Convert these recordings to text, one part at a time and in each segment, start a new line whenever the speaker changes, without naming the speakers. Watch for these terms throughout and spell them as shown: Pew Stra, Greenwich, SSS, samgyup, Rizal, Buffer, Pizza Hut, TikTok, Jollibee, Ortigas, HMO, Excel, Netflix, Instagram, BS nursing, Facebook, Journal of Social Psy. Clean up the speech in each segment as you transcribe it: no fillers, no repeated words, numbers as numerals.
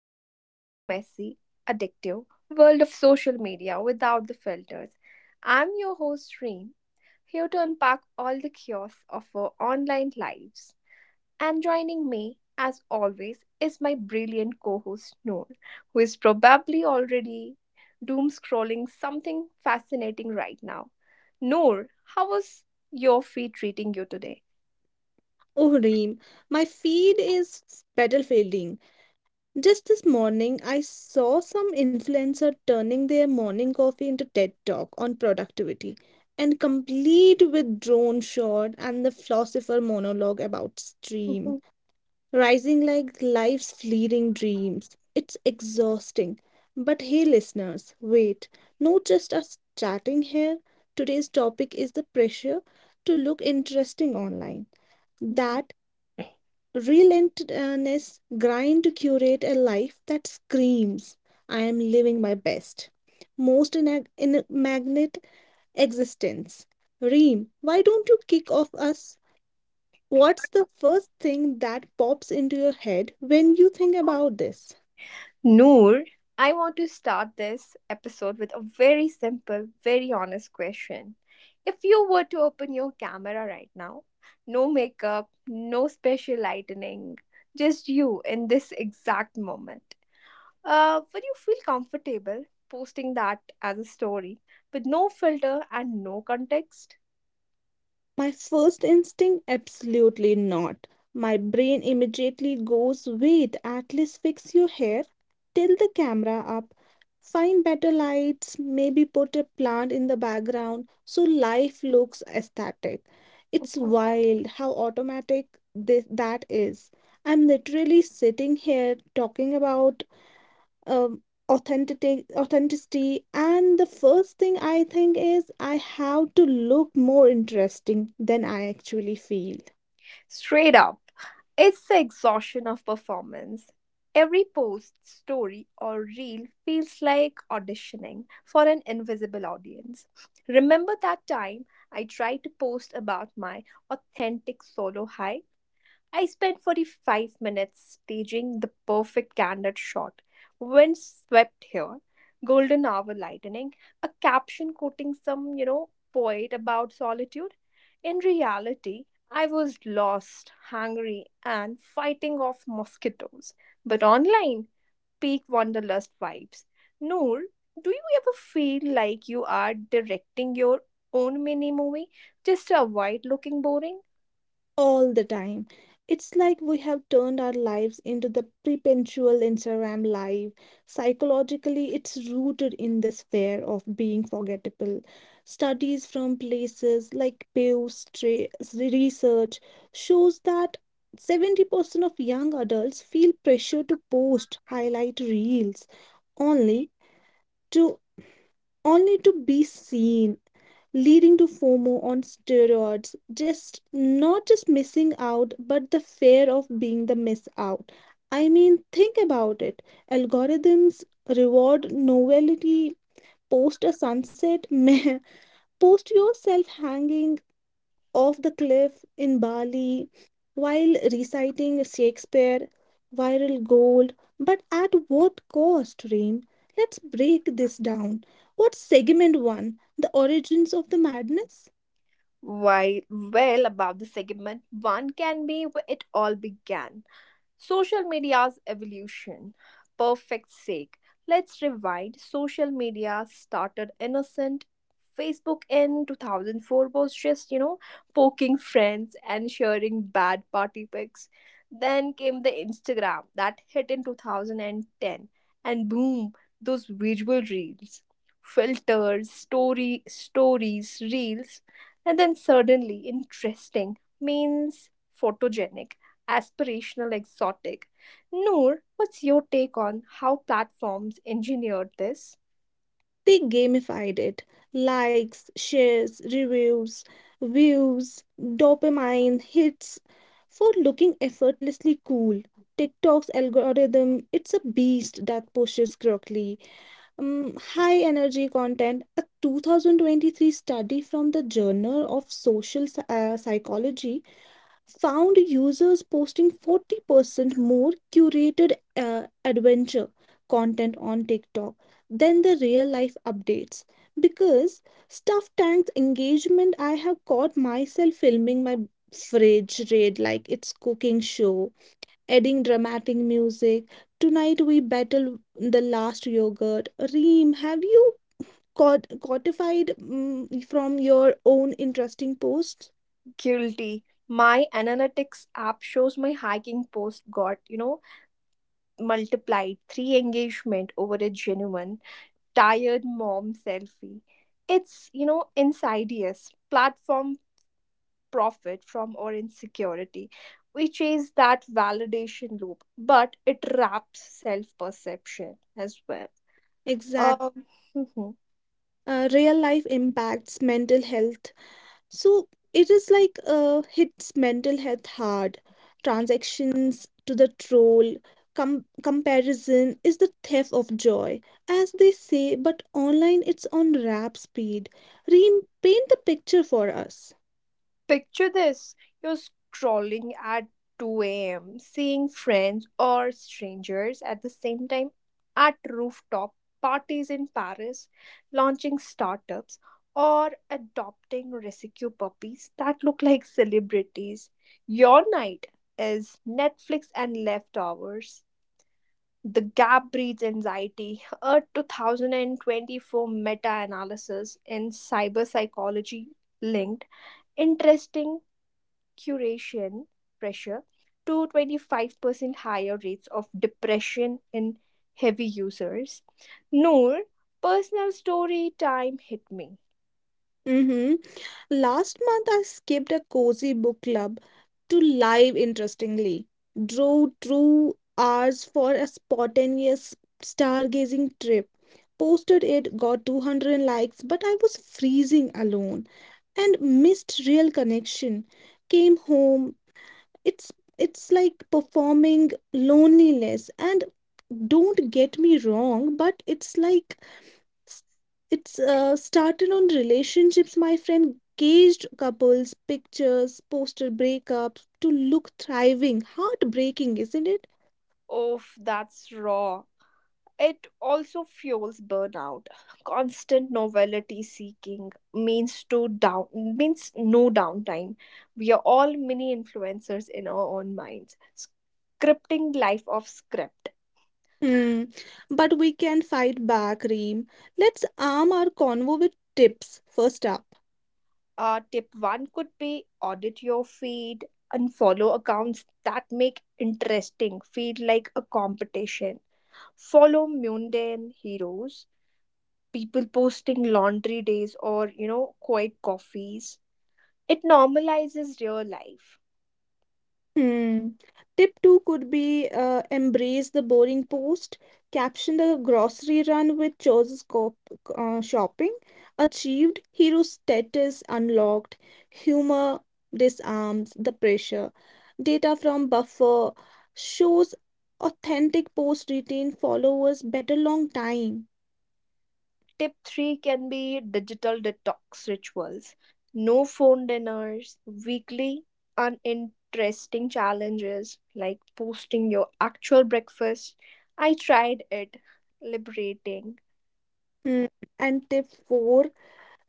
deep into the messy, addictive world of social media without the filters. I'm your host, Reem, here to unpack all the chaos of our online lives. And joining me, as always, is my brilliant co host, Noor, who is probably already doom scrolling something fascinating right now. Noor, how was your feed treating you today?
Oh, Reem, my feed is battlefielding. Just this morning, I saw some influencer turning their morning coffee into TED Talk on productivity and complete with drone shot and the philosopher monologue about stream,
Mhm.
rising like life's fleeting dreams. It's exhausting. But hey, listeners, wait, not just us chatting here. Today's topic is the pressure to look interesting online. That relentlessness grind to curate a life that screams I am living my best, most in a magnet existence. Reem, why don't you kick off us? What's the first thing that pops into your head when you think about this?
Noor, I want to start this episode with a very simple, very honest question. If you were to open your camera right now, no makeup, no special lighting, just you in this exact moment, would you feel comfortable posting that as a story with no filter and no context?
My first instinct? Absolutely not. My brain immediately goes, wait, at least fix your hair, tilt the camera up, find better lights, maybe put a plant in the background so life looks aesthetic. It's wild how automatic that is. I'm literally sitting here talking about um, authenticity, and the first thing I think is I have to look more interesting than I actually feel.
Straight up, it's the exhaustion of performance. Every post, story, or reel feels like auditioning for an invisible audience. Remember that time I tried to post about my authentic solo high? I spent 45 minutes staging the perfect candid shot. Wind swept here, golden hour lightning, a caption quoting some, you know, poet about solitude. In reality, I was lost, hungry, and fighting off mosquitoes. But online, peak wanderlust vibes. Noor, do you ever feel like you are directing your own mini movie just to avoid looking boring?
All the time. It's like we have turned our lives into the perpetual Instagram live. Psychologically, it's rooted in this fear of being forgettable. Studies from places like Pew research shows that 70% of young adults feel pressure to post highlight reels only to only to be seen, leading to FOMO on steroids. Just not just missing out, but the fear of being the miss out. I mean, think about it. Algorithms reward novelty, post a sunset, meh, post yourself hanging off the cliff in Bali while reciting Shakespeare, viral gold. But at what cost, Reem? Let's break this down. What's segment one? The origins of the madness?
While well above, the segment one can be where it all began. Social media's evolution. Perfect sake. Let's rewind. Social media started innocent. Facebook in 2004 was just, you know, poking friends and sharing bad party pics. Then came the Instagram that hit in 2010. And boom, those visual reels, filters, story stories, reels. And then suddenly interesting means photogenic, aspirational, exotic. Noor, what's your take on how platforms engineered this?
They gamified it, likes, shares, reviews, views, dopamine hits for looking effortlessly cool. TikTok's algorithm, it's a beast that pushes correctly. High energy content. A 2023 study from the Journal of Social Psychology found users posting 40% more curated adventure content on TikTok than the real life updates. Because Stuff Tank's engagement, I have caught myself filming my fridge raid like it's cooking show, adding dramatic music. Tonight we battle the last yogurt. Reem, have you caught codified from your own interesting posts?
Guilty. My analytics app shows my hiking post got, you know, multiplied three engagement over a genuine tired mom selfie. It's, you know, insidious. Platform profit from our insecurity. We chase that validation loop, but it wraps self perception as well.
Exactly.
Um,
Real life impacts mental health. So it is like hits mental health hard. Transactions to the troll, comparison is the theft of joy, as they say, but online it's on rap speed. Repaint the picture for us.
Picture this, you're scrolling at 2 a.m., seeing friends or strangers at the same time at rooftop parties in Paris, launching startups, or adopting rescue puppies that look like celebrities. Your night is Netflix and leftovers. The gap breeds anxiety, a 2024 meta analysis in cyber psychology linked interesting curation pressure to 25% higher rates of depression in heavy users. Noor, personal story time, hit me.
Mm-hmm. Last month, I skipped a cozy book club to live, interestingly. Drove 2 hours for a spontaneous stargazing trip. Posted it, got 200 likes, but I was freezing alone and missed real connection. Came home. It's it's like performing loneliness, and don't get me wrong, but it's like S- It's started on relationships, my friend. Caged couples, pictures, poster breakups to look thriving. Heartbreaking, isn't it?
Oh, that's raw. It also fuels burnout. Constant novelty seeking means to down means no downtime. We are all mini influencers in our own minds, scripting life of script.
Hmm. But we can fight back, Reem. Let's arm our convo with tips. First up.
Tip one could be audit your feed and follow accounts that make interesting feed like a competition. Follow mundane heroes, people posting laundry days or, you know, quiet coffees. It normalizes real life.
Hmm. Tip two could be embrace the boring post, caption the grocery run with choices cop shopping, achieved, hero status unlocked, humor disarms the pressure. Data from buffer shows authentic posts retain followers better long time.
Tip three can be digital detox rituals, no phone dinners, weekly uninteresting challenges like posting your actual breakfast. I tried it, liberating.
Hmm. And tip four,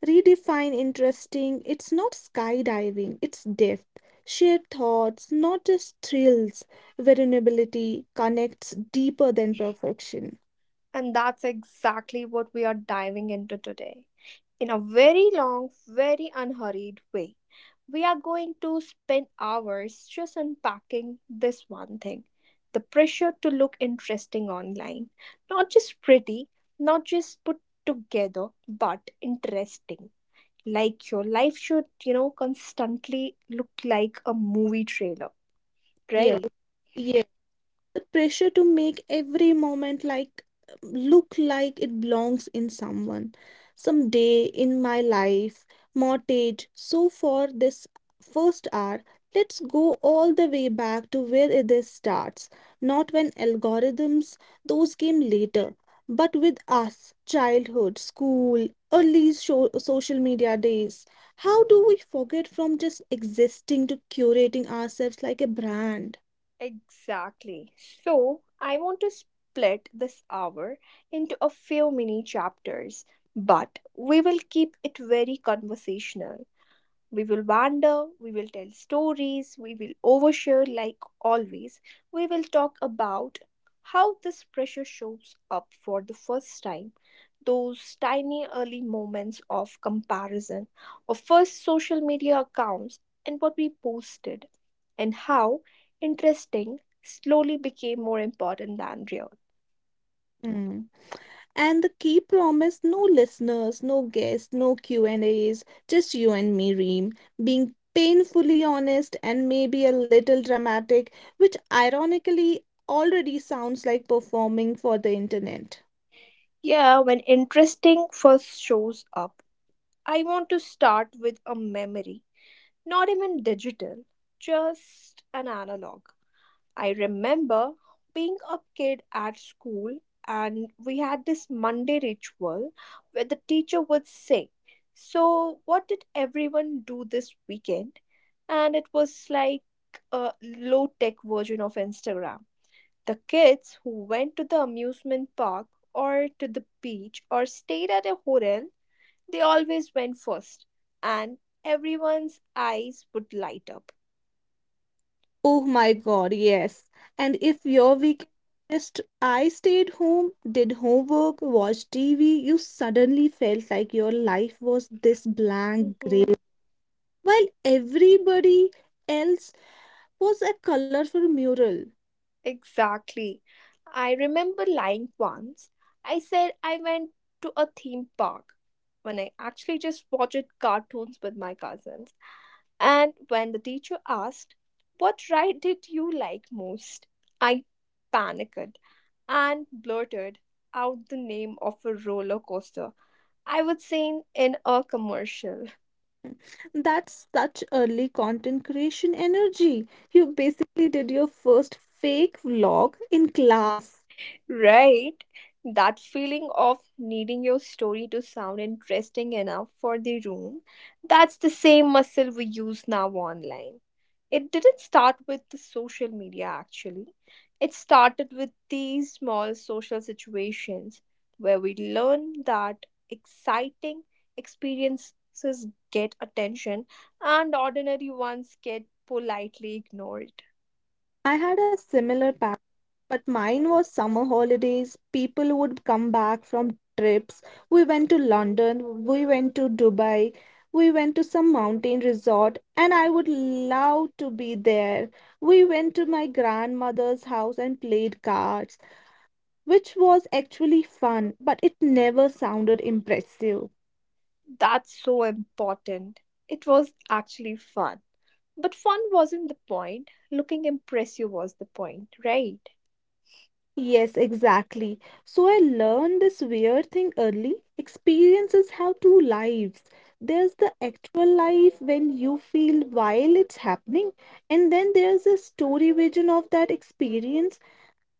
redefine interesting, it's not skydiving, it's depth. Shared thoughts, not just thrills. Vulnerability connects deeper than perfection.
And that's exactly what we are diving into today in a very long, very unhurried way. We are going to spend hours just unpacking this one thing, the pressure to look interesting online. Not just pretty, not just put together, but interesting. Like your life should, you know, constantly look like a movie trailer,
Yes,
right?
yes, the pressure to make every moment like look like it belongs in someone some day in my life mortgage. So for this first hour, let's go all the way back to where this starts, not when algorithms, those came later, but with us. Childhood, school, early social media days. How do we forget from just existing to curating ourselves like a brand?
Exactly. So, I want to split this hour into a few mini chapters, but we will keep it very conversational. We will wander, we will tell stories, we will overshare like always. We will talk about how this pressure shows up for the first time, those tiny early moments of comparison, of first social media accounts, and what we posted, and how interesting slowly became more important than real.
Mm. And the key promise, no listeners, no guests, no Q&As, just you and me, Reem, being painfully honest and maybe a little dramatic, which ironically already sounds like performing for the internet.
Yeah, when interesting first shows up, I want to start with a memory, not even digital, just an analog. I remember being a kid at school, and we had this Monday ritual where the teacher would say, "So, what did everyone do this weekend?" And it was like a low tech version of Instagram. The kids who went to the amusement park or to the beach or stayed at a hotel, they always went first, and everyone's eyes would light up.
Oh my god, yes. And if your weekend just I stayed home, did homework, watched TV, you suddenly felt like your life was this blank
Mm-hmm.
while everybody else was a colorful mural.
Exactly. I remember lying once. I said I went to a theme park when I actually just watched cartoons with my cousins. And when the teacher asked, "What ride did you like most?" I panicked and blurted out the name of a roller coaster I would seen in a commercial.
That's such early content creation energy. You basically did your first fake vlog in class.
Right? That feeling of needing your story to sound interesting enough for the room, that's the same muscle we use now online. It didn't start with the social media actually. It started with these small social situations where we learn that exciting experiences get attention and ordinary ones get politely ignored.
I had a similar pattern, but mine was summer holidays. People would come back from trips. We went to London, we went to Dubai, we went to some mountain resort, and I would love to be there. We went to my grandmother's house and played cards, which was actually fun, but it never sounded impressive.
That's so important. It was actually fun. But fun wasn't the point. Looking impressive was the point, right?
Yes, exactly. So I learned this weird thing early. Experiences have two lives. There's the actual life when you feel while it's happening, and then there's a story vision of that experience,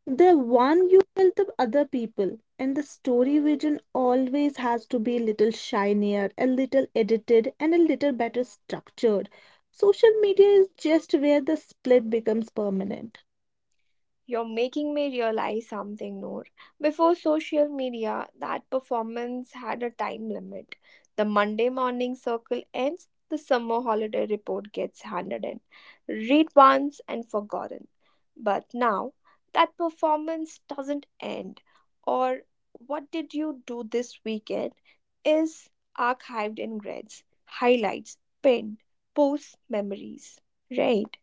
the one you tell the other people. And the story vision always has to be a little shinier, a little edited, and a little better structured. Social media is just where the split becomes permanent.
You're making me realize something, Noor. Before social media, that performance had a time limit. The Monday morning circle ends, the summer holiday report gets handed in. Read once and forgotten. But now, that performance doesn't end, or "what did you do this weekend" is archived in grids, highlights, pinned, posts, memories. Right?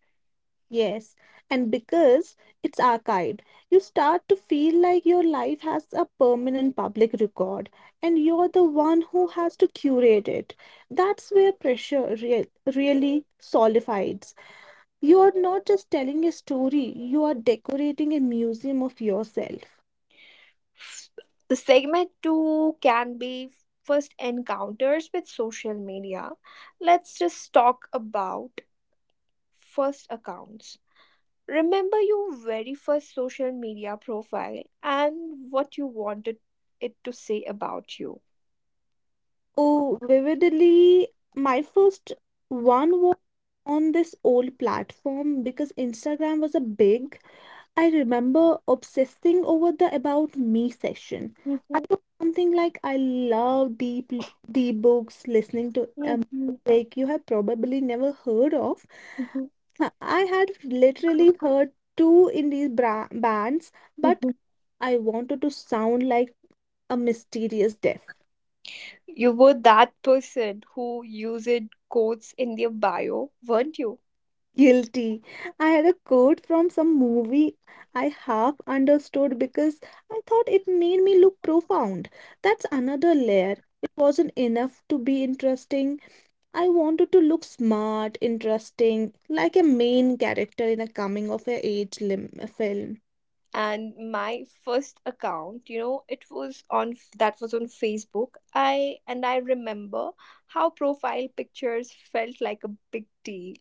Yes, and because it's archived, you start to feel like your life has a permanent public record and you're the one who has to curate it. That's where pressure really solidifies. You're not just telling a story, you are decorating a museum of yourself.
The segment two can be first encounters with social media. Let's just talk about first accounts. Remember your very first social media profile and what you wanted it to say about you.
Oh, vividly, my first one was on this old platform because Instagram was a big. I remember obsessing over the About Me section. I
Mhm,
wrote something like I love deep books, listening to
mhm,
music you have probably never heard of.
mhm,
Huh, I had literally heard two indie bands, but
mhm.
I wanted to sound like a mysterious death.
You were that person who used quotes in their bio, weren't you?
Guilty. I had a quote from some movie I half understood because I thought it made me look profound. That's another layer. It wasn't enough to be interesting. I wanted to look smart, interesting, like a main character in a coming of age film.
And my first account, you know, it was on that was on Facebook, I, and I remember how profile pictures felt like a big deal.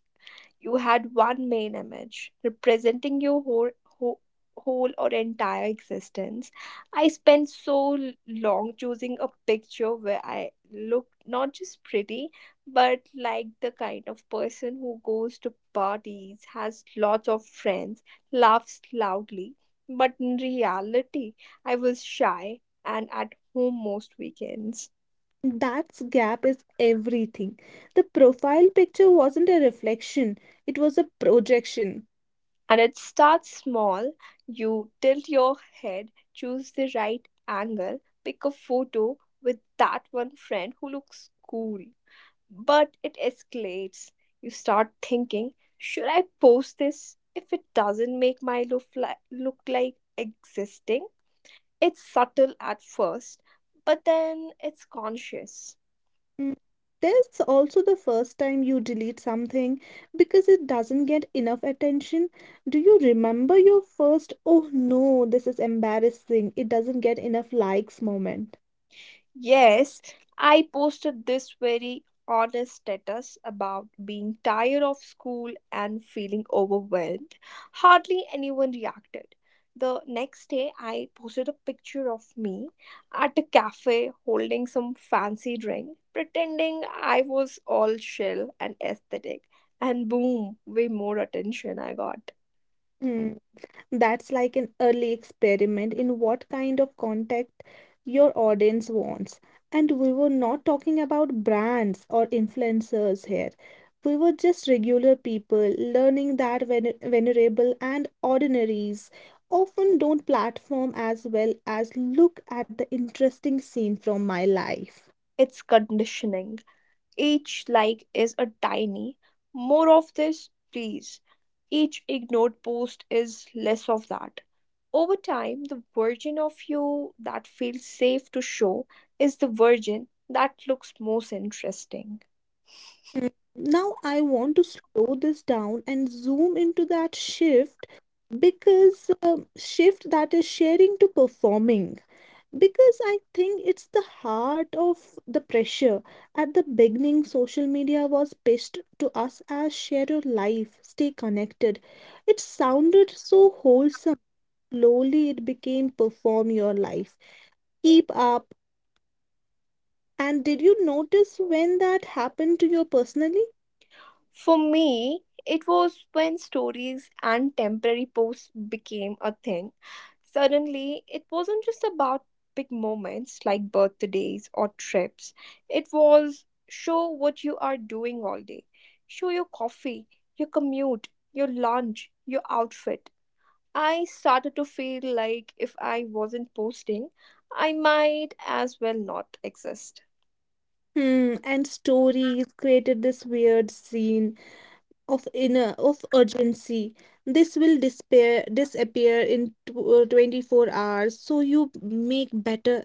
You had one main image representing your whole or entire existence. I spent so long choosing a picture where I looked not just pretty, but like the kind of person who goes to parties, has lots of friends, laughs loudly. But in reality, I was shy and at home most weekends.
That gap is everything. The profile picture wasn't a reflection, it was a projection.
And it starts small. You tilt your head, choose the right angle, pick a photo with that one friend who looks cool. But it escalates. You start thinking, should I post this if it doesn't make my look like existing? It's subtle at first, but then it's conscious.
Mm, That's also the first time you delete something because it doesn't get enough attention. Do you remember your first, oh no, this is embarrassing, it doesn't get enough likes moment?
Yes, I posted this very honest status about being tired of school and feeling overwhelmed. Hardly anyone reacted. The next day, I posted a picture of me at a cafe holding some fancy drink, pretending I was all chill and aesthetic, and boom, way more attention I got.
Hmm. That's like an early experiment in what kind of contact your audience wants. And we were not talking about brands or influencers here. We were just regular people learning that venerable and ordinaries often don't platform as well as look at the interesting scene from my life.
It's conditioning. Each like is a tiny, "more of this, please." Each ignored post is less of that. Over time, the version of you that feels safe to show is the version that looks most interesting.
Mm, Now I want to slow this down and zoom into that shift, because shift that is sharing to performing, because I think it's the heart of the pressure. At the beginning, social media was pitched to us as share your life, stay connected. It sounded so wholesome. Slowly it became perform your life, keep up. And did you notice when that happened to you personally?
For me, it was when stories and temporary posts became a thing. Suddenly, it wasn't just about big moments like birthdays or trips, it was show what you are doing all day. Show your coffee, your commute, your lunch, your outfit. I started to feel like if I wasn't posting, I might as well not exist.
And stories created this weird scene of urgency. This will disappear in 24 hours, so you make better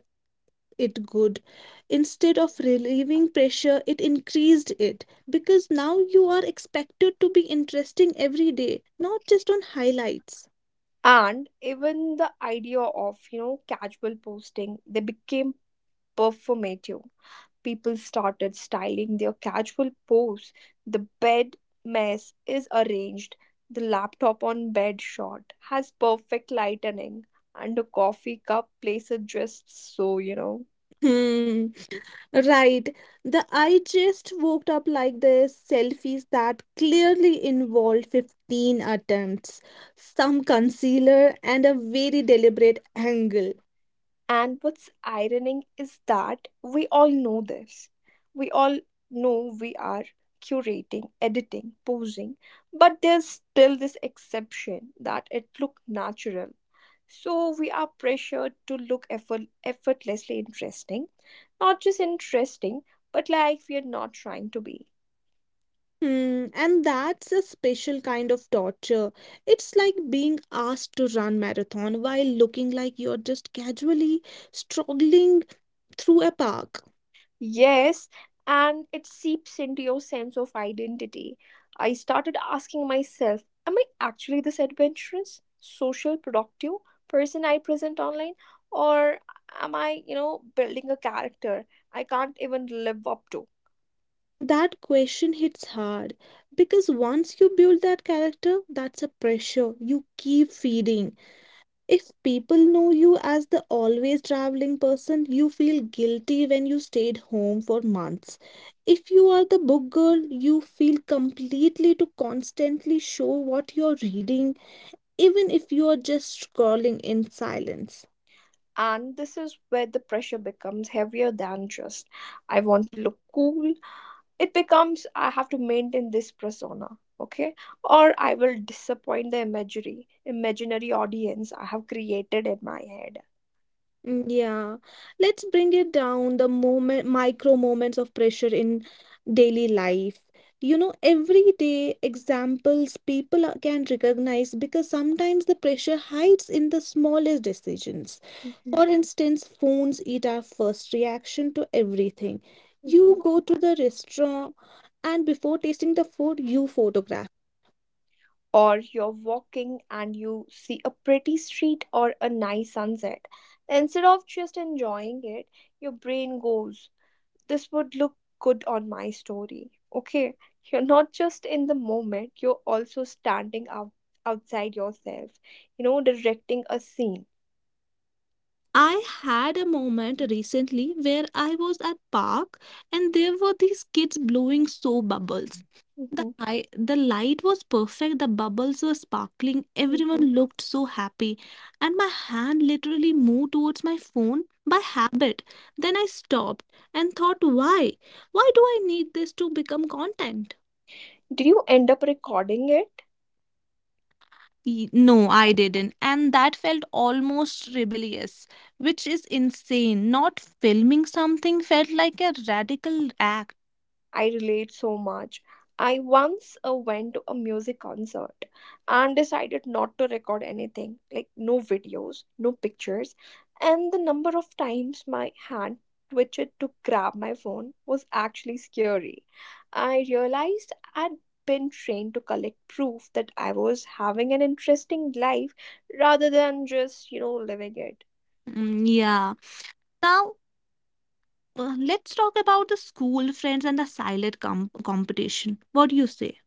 it good. Instead of relieving pressure, it increased it, because now you are expected to be interesting every day, not just on highlights.
And even the idea of, you know, casual posting, they became performative. People started styling their casual pose, the bed mess is arranged, the laptop on bed shot has perfect lightening, and a coffee cup places just so, you know.
Hmm. Right. The "I just woke up like this" selfies that clearly involved 15 attempts, some concealer, and a very deliberate angle.
And what's ironic is that we all know this. We all know we are curating, editing, posing, but there's still this exception that it look natural. So we are pressured to look effortlessly interesting, not just interesting, but like we are not trying to be.
Hmm. And that's a special kind of torture. It's like being asked to run marathon while looking like you're just casually struggling through a park.
Yes, and it seeps into your sense of identity. I started asking myself, am I actually this adventurous, social, productive person I present online? Or am I, you know, building a character I can't even live up to?
That question hits hard because once you build that character, that's a pressure you keep feeding. If people know you as the always traveling person, you feel guilty when you stayed home for months. If you are the book girl, you feel completely to constantly show what you're reading, even if you are just scrolling in silence.
And this is where the pressure becomes heavier than just, I want to look cool, it becomes I have to maintain this persona, okay, or I will disappoint the imagery, imaginary audience I have created in my head.
Mm, yeah, let's bring it down the moment, micro moments of pressure in daily life. You know, everyday examples people can recognize because sometimes the pressure hides in the smallest decisions.
Mhm,
For instance, phones eat our first reaction to everything. You
mhm.
go to the restaurant, and before tasting the food, you photograph.
Or you're walking and you see a pretty street or a nice sunset, instead of just enjoying it your brain goes, this would look good on my story, okay, you're not just in the moment, you're also standing out outside yourself, you know, directing a scene.
I had a moment recently where I was at park and there were these kids blowing so bubbles. The light was perfect, the bubbles were sparkling,
Mhm.
everyone looked so happy, and my hand literally moved towards my phone by habit. Then I stopped and thought, why? Why do I need this to become content?
Did you end up recording it?
No, I didn't. And that felt almost rebellious, which is insane. Not filming something felt like a radical act.
I relate so much. I once went to a music concert and decided not to record anything, like no videos, no pictures, and the number of times my hand twitched to grab my phone was actually scary. I realized I'd been trained to collect proof that I was having an interesting life rather than just, you know, living it.
Mm, yeah. Now, let's talk about the school friends and the silent competition. What do you say?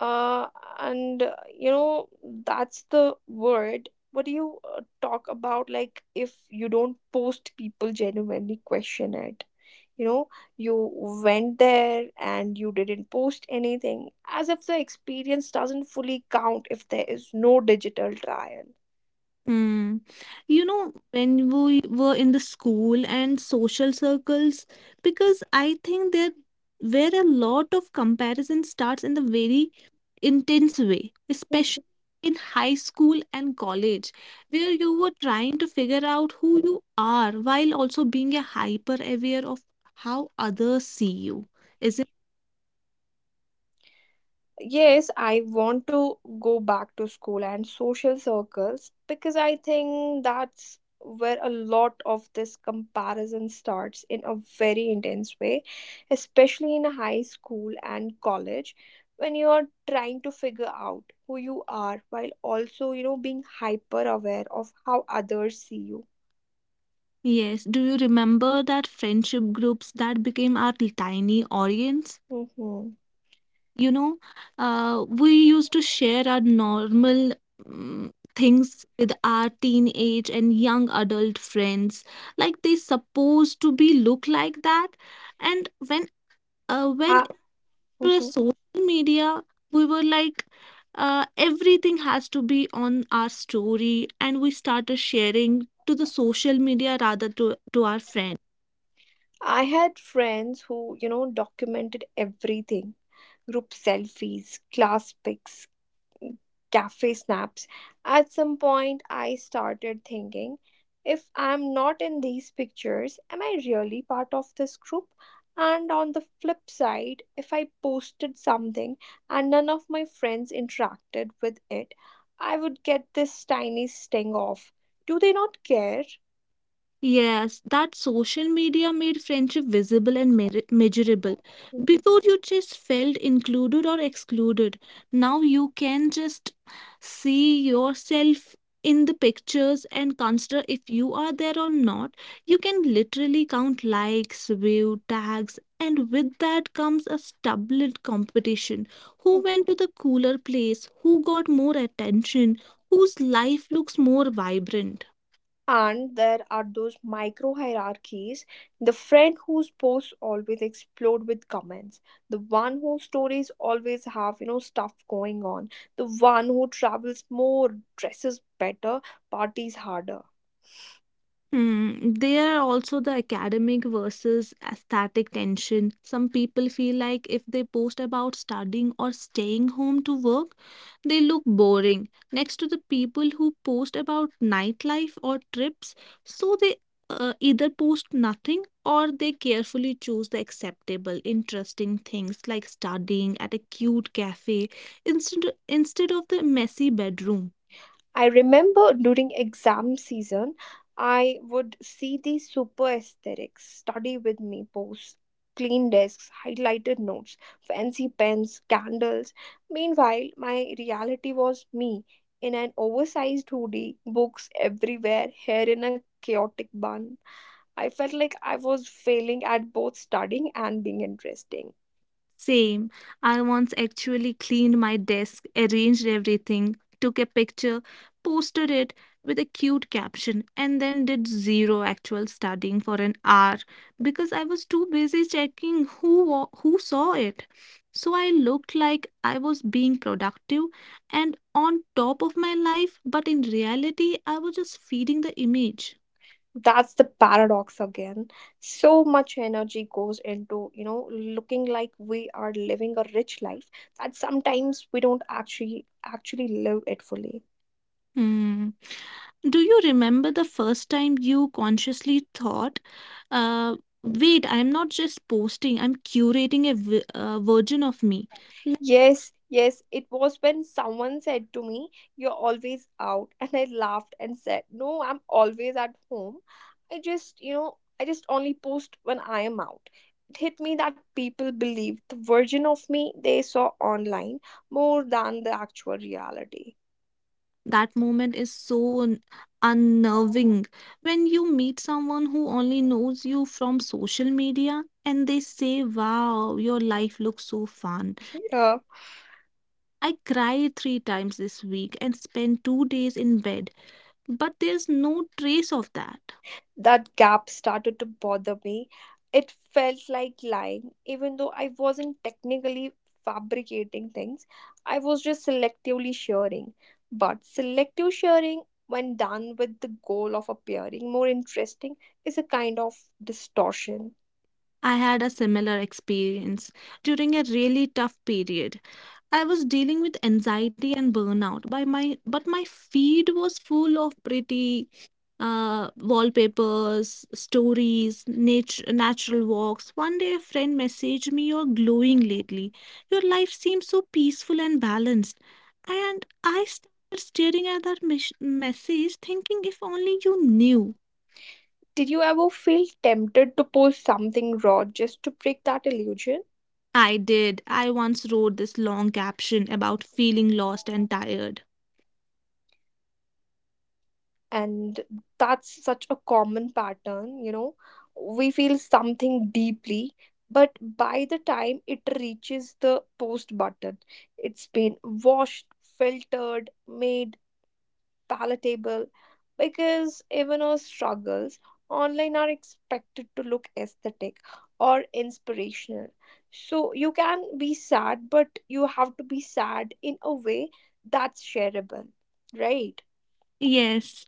Uh, and you know that's the word. What do you talk about? Like, if you don't post, people genuinely question it, you know. You went there and you didn't post anything, as if the experience doesn't fully count if there is no digital trial.
Hmm. You know, when we were in the school and social circles, because I think there where a lot of comparison starts in the very intense way, especially in high school and college, where you were trying to figure out who you are while also being a hyper aware of how others see you. Is it?
Yes, I want to go back to school and social circles because I think that's where a lot of this comparison starts in a very intense way, especially in high school and college when you are trying to figure out who you are while also, being hyper aware of how others see you.
Yes. Do you remember that friendship groups that became our tiny audience?
Mm-hmm.
You know, we used to share our normal mm, things with our teenage and young adult friends, like they supposed to be look like that. And when uh, when
I,
it was
mhm.
social media, we were like everything has to be on our story, and we started sharing to the social media rather to our friends.
I had friends who, documented everything. Group selfies, class pics, cafe snaps. At some point, I started thinking, if I'm not in these pictures, am I really part of this group? And on the flip side, if I posted something and none of my friends interacted with it, I would get this tiny sting of, do they not care?
Yes, that social media made friendship visible and measurable. Before you just felt included or excluded. Now you can just see yourself in the pictures and consider if you are there or not. You can literally count likes, view, tags, and with that comes a stubborn competition. Who went to the cooler place? Who got more attention? Whose life looks more vibrant?
And there are those micro hierarchies: the friend whose posts always explode with comments, the one whose stories always have, stuff going on, the one who travels more, dresses better, parties harder.
Hmm. There are also the academic versus aesthetic tension. Some people feel like if they post about studying or staying home to work, they look boring next to the people who post about nightlife or trips. So they either post nothing or they carefully choose the acceptable, interesting things like studying at a cute cafe instead of the messy bedroom.
I remember during exam season, I would see these super aesthetics, study with me posts, clean desks, highlighted notes, fancy pens, candles. Meanwhile, my reality was me in an oversized hoodie, books everywhere, hair in a chaotic bun. I felt like I was failing at both studying and being interesting.
Same. I once actually cleaned my desk, arranged everything, took a picture, posted it with a cute caption, and then did zero actual studying for an hour because I was too busy checking who who saw it. So I looked like I was being productive and on top of my life, but in reality, I was just feeding the image.
That's the paradox again. So much energy goes into, looking like we are living a rich life, that sometimes we don't actually live it fully.
Hmm. Do you remember the first time you consciously thought, uh, wait, I'm not just posting, I'm curating a version of me? Like,
Yes, it was when someone said to me, you're always out. And I laughed and said, no, I'm always at home. I just, I just only post when I am out. It hit me that people believed the version of me they saw online more than the actual reality.
that moment is so unnerving when you meet someone who only knows you from social media and they say, wow, your life looks so fun.
Yeah,
I cried three times this week and spent 2 days in bed, but there's no trace of that.
that gap started to bother me. It felt like lying. Even though I wasn't technically fabricating things, I was just selectively sharing. But selective sharing, when done with the goal of appearing more interesting, is a kind of distortion.
I had a similar experience during a really tough period. I was dealing with anxiety and burnout by my but my feed was full of pretty wallpapers, stories, nature, natural walks. One day a friend messaged me, "You're glowing lately. Your life seems so peaceful and balanced." And I started staring at that message, thinking if only you knew.
Did you ever feel tempted to post something raw just to break that illusion?
I did. I once wrote this long caption about feeling lost and tired.
And that's such a common pattern, we feel something deeply, but by the time it reaches the post button, it's been washed, filtered, made palatable, because even our struggles online are expected to look aesthetic or inspirational. So you can be sad, but you have to be sad in a way that's shareable, right?
Yes.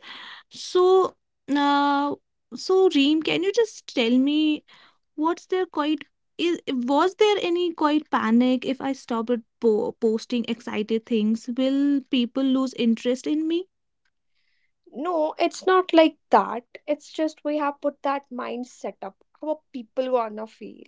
So, uh, so, Reem, can you just tell me what's their quite is, was there any quite panic if I stop at po posting excited things? Will people lose interest in me?
No, it's not like that. It's just we have put that mindset up. How people gonna feel?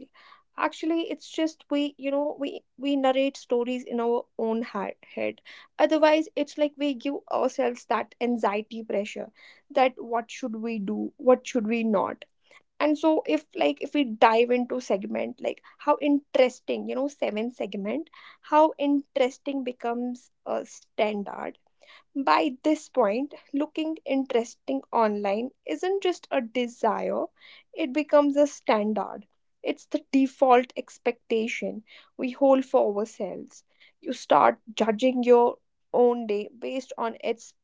Actually, it's just we, we narrate stories in our own head. Otherwise, it's like we give ourselves that anxiety pressure, that what should we do? What should we not? And so if, like, if we dive into segment, like how interesting, seven segment, how interesting becomes a standard. By this point, looking interesting online isn't just a desire, it becomes a standard. It's the default expectation we hold for ourselves. You start judging your own day based on its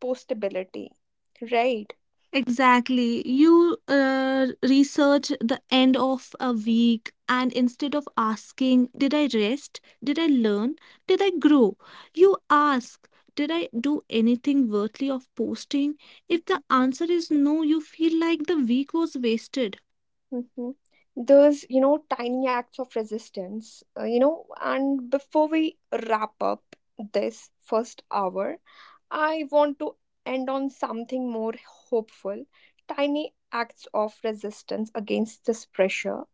postability, right?
Exactly. You research the end of a week, and instead of asking, did I rest? Did I learn? Did I grow? You ask, did I do anything worthy of posting? If the answer is no, you feel like the week was wasted.
Mhm. Those, tiny acts of resistance, And before we wrap up this first hour, I want to end on something more hopeful. Tiny acts of resistance against this pressure,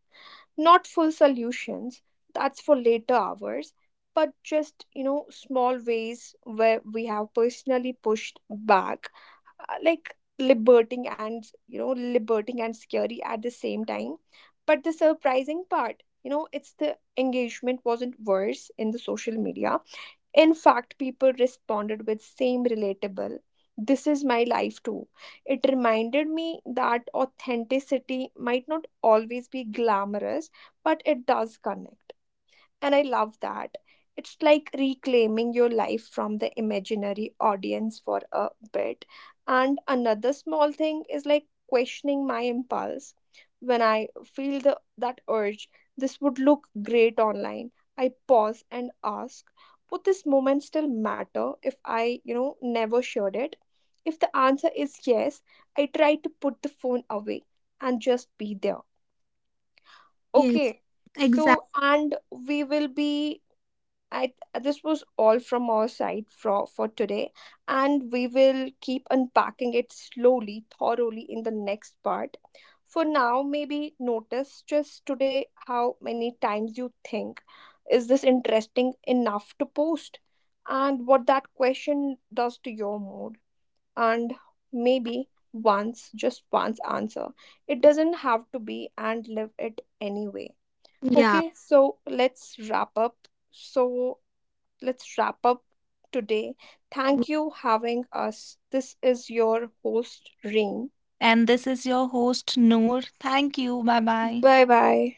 not full solutions, that's for later hours, but just, small ways where we have personally pushed back, like liberating and, liberating and scary at the same time. But the surprising part, it's the engagement wasn't worse in the social media. In fact, people responded with same relatable. This is my life too. It reminded me that authenticity might not always be glamorous, but it does connect. And I love that. It's like reclaiming your life from the imaginary audience for a bit. And another small thing is like questioning my impulse. When I feel the, that urge, this would look great online, I pause and ask, would this moment still matter if I, never shared it? If the answer is yes, I try to put the phone away and just be there.
Yes,
Okay. So,
exactly.
and we will be, I, this was all from our side for today, and we will keep unpacking it slowly, thoroughly in the next part. For now, maybe notice just today how many times you think, is this interesting enough to post, and what that question does to your mood, and maybe once, just once answer. It doesn't have to be, and live it anyway.
Yeah.
Okay, so let's wrap up. So let's wrap up today. Thank you having us. This is your host Reem.
And this is your host, Noor. Thank you. Bye bye.
Bye bye.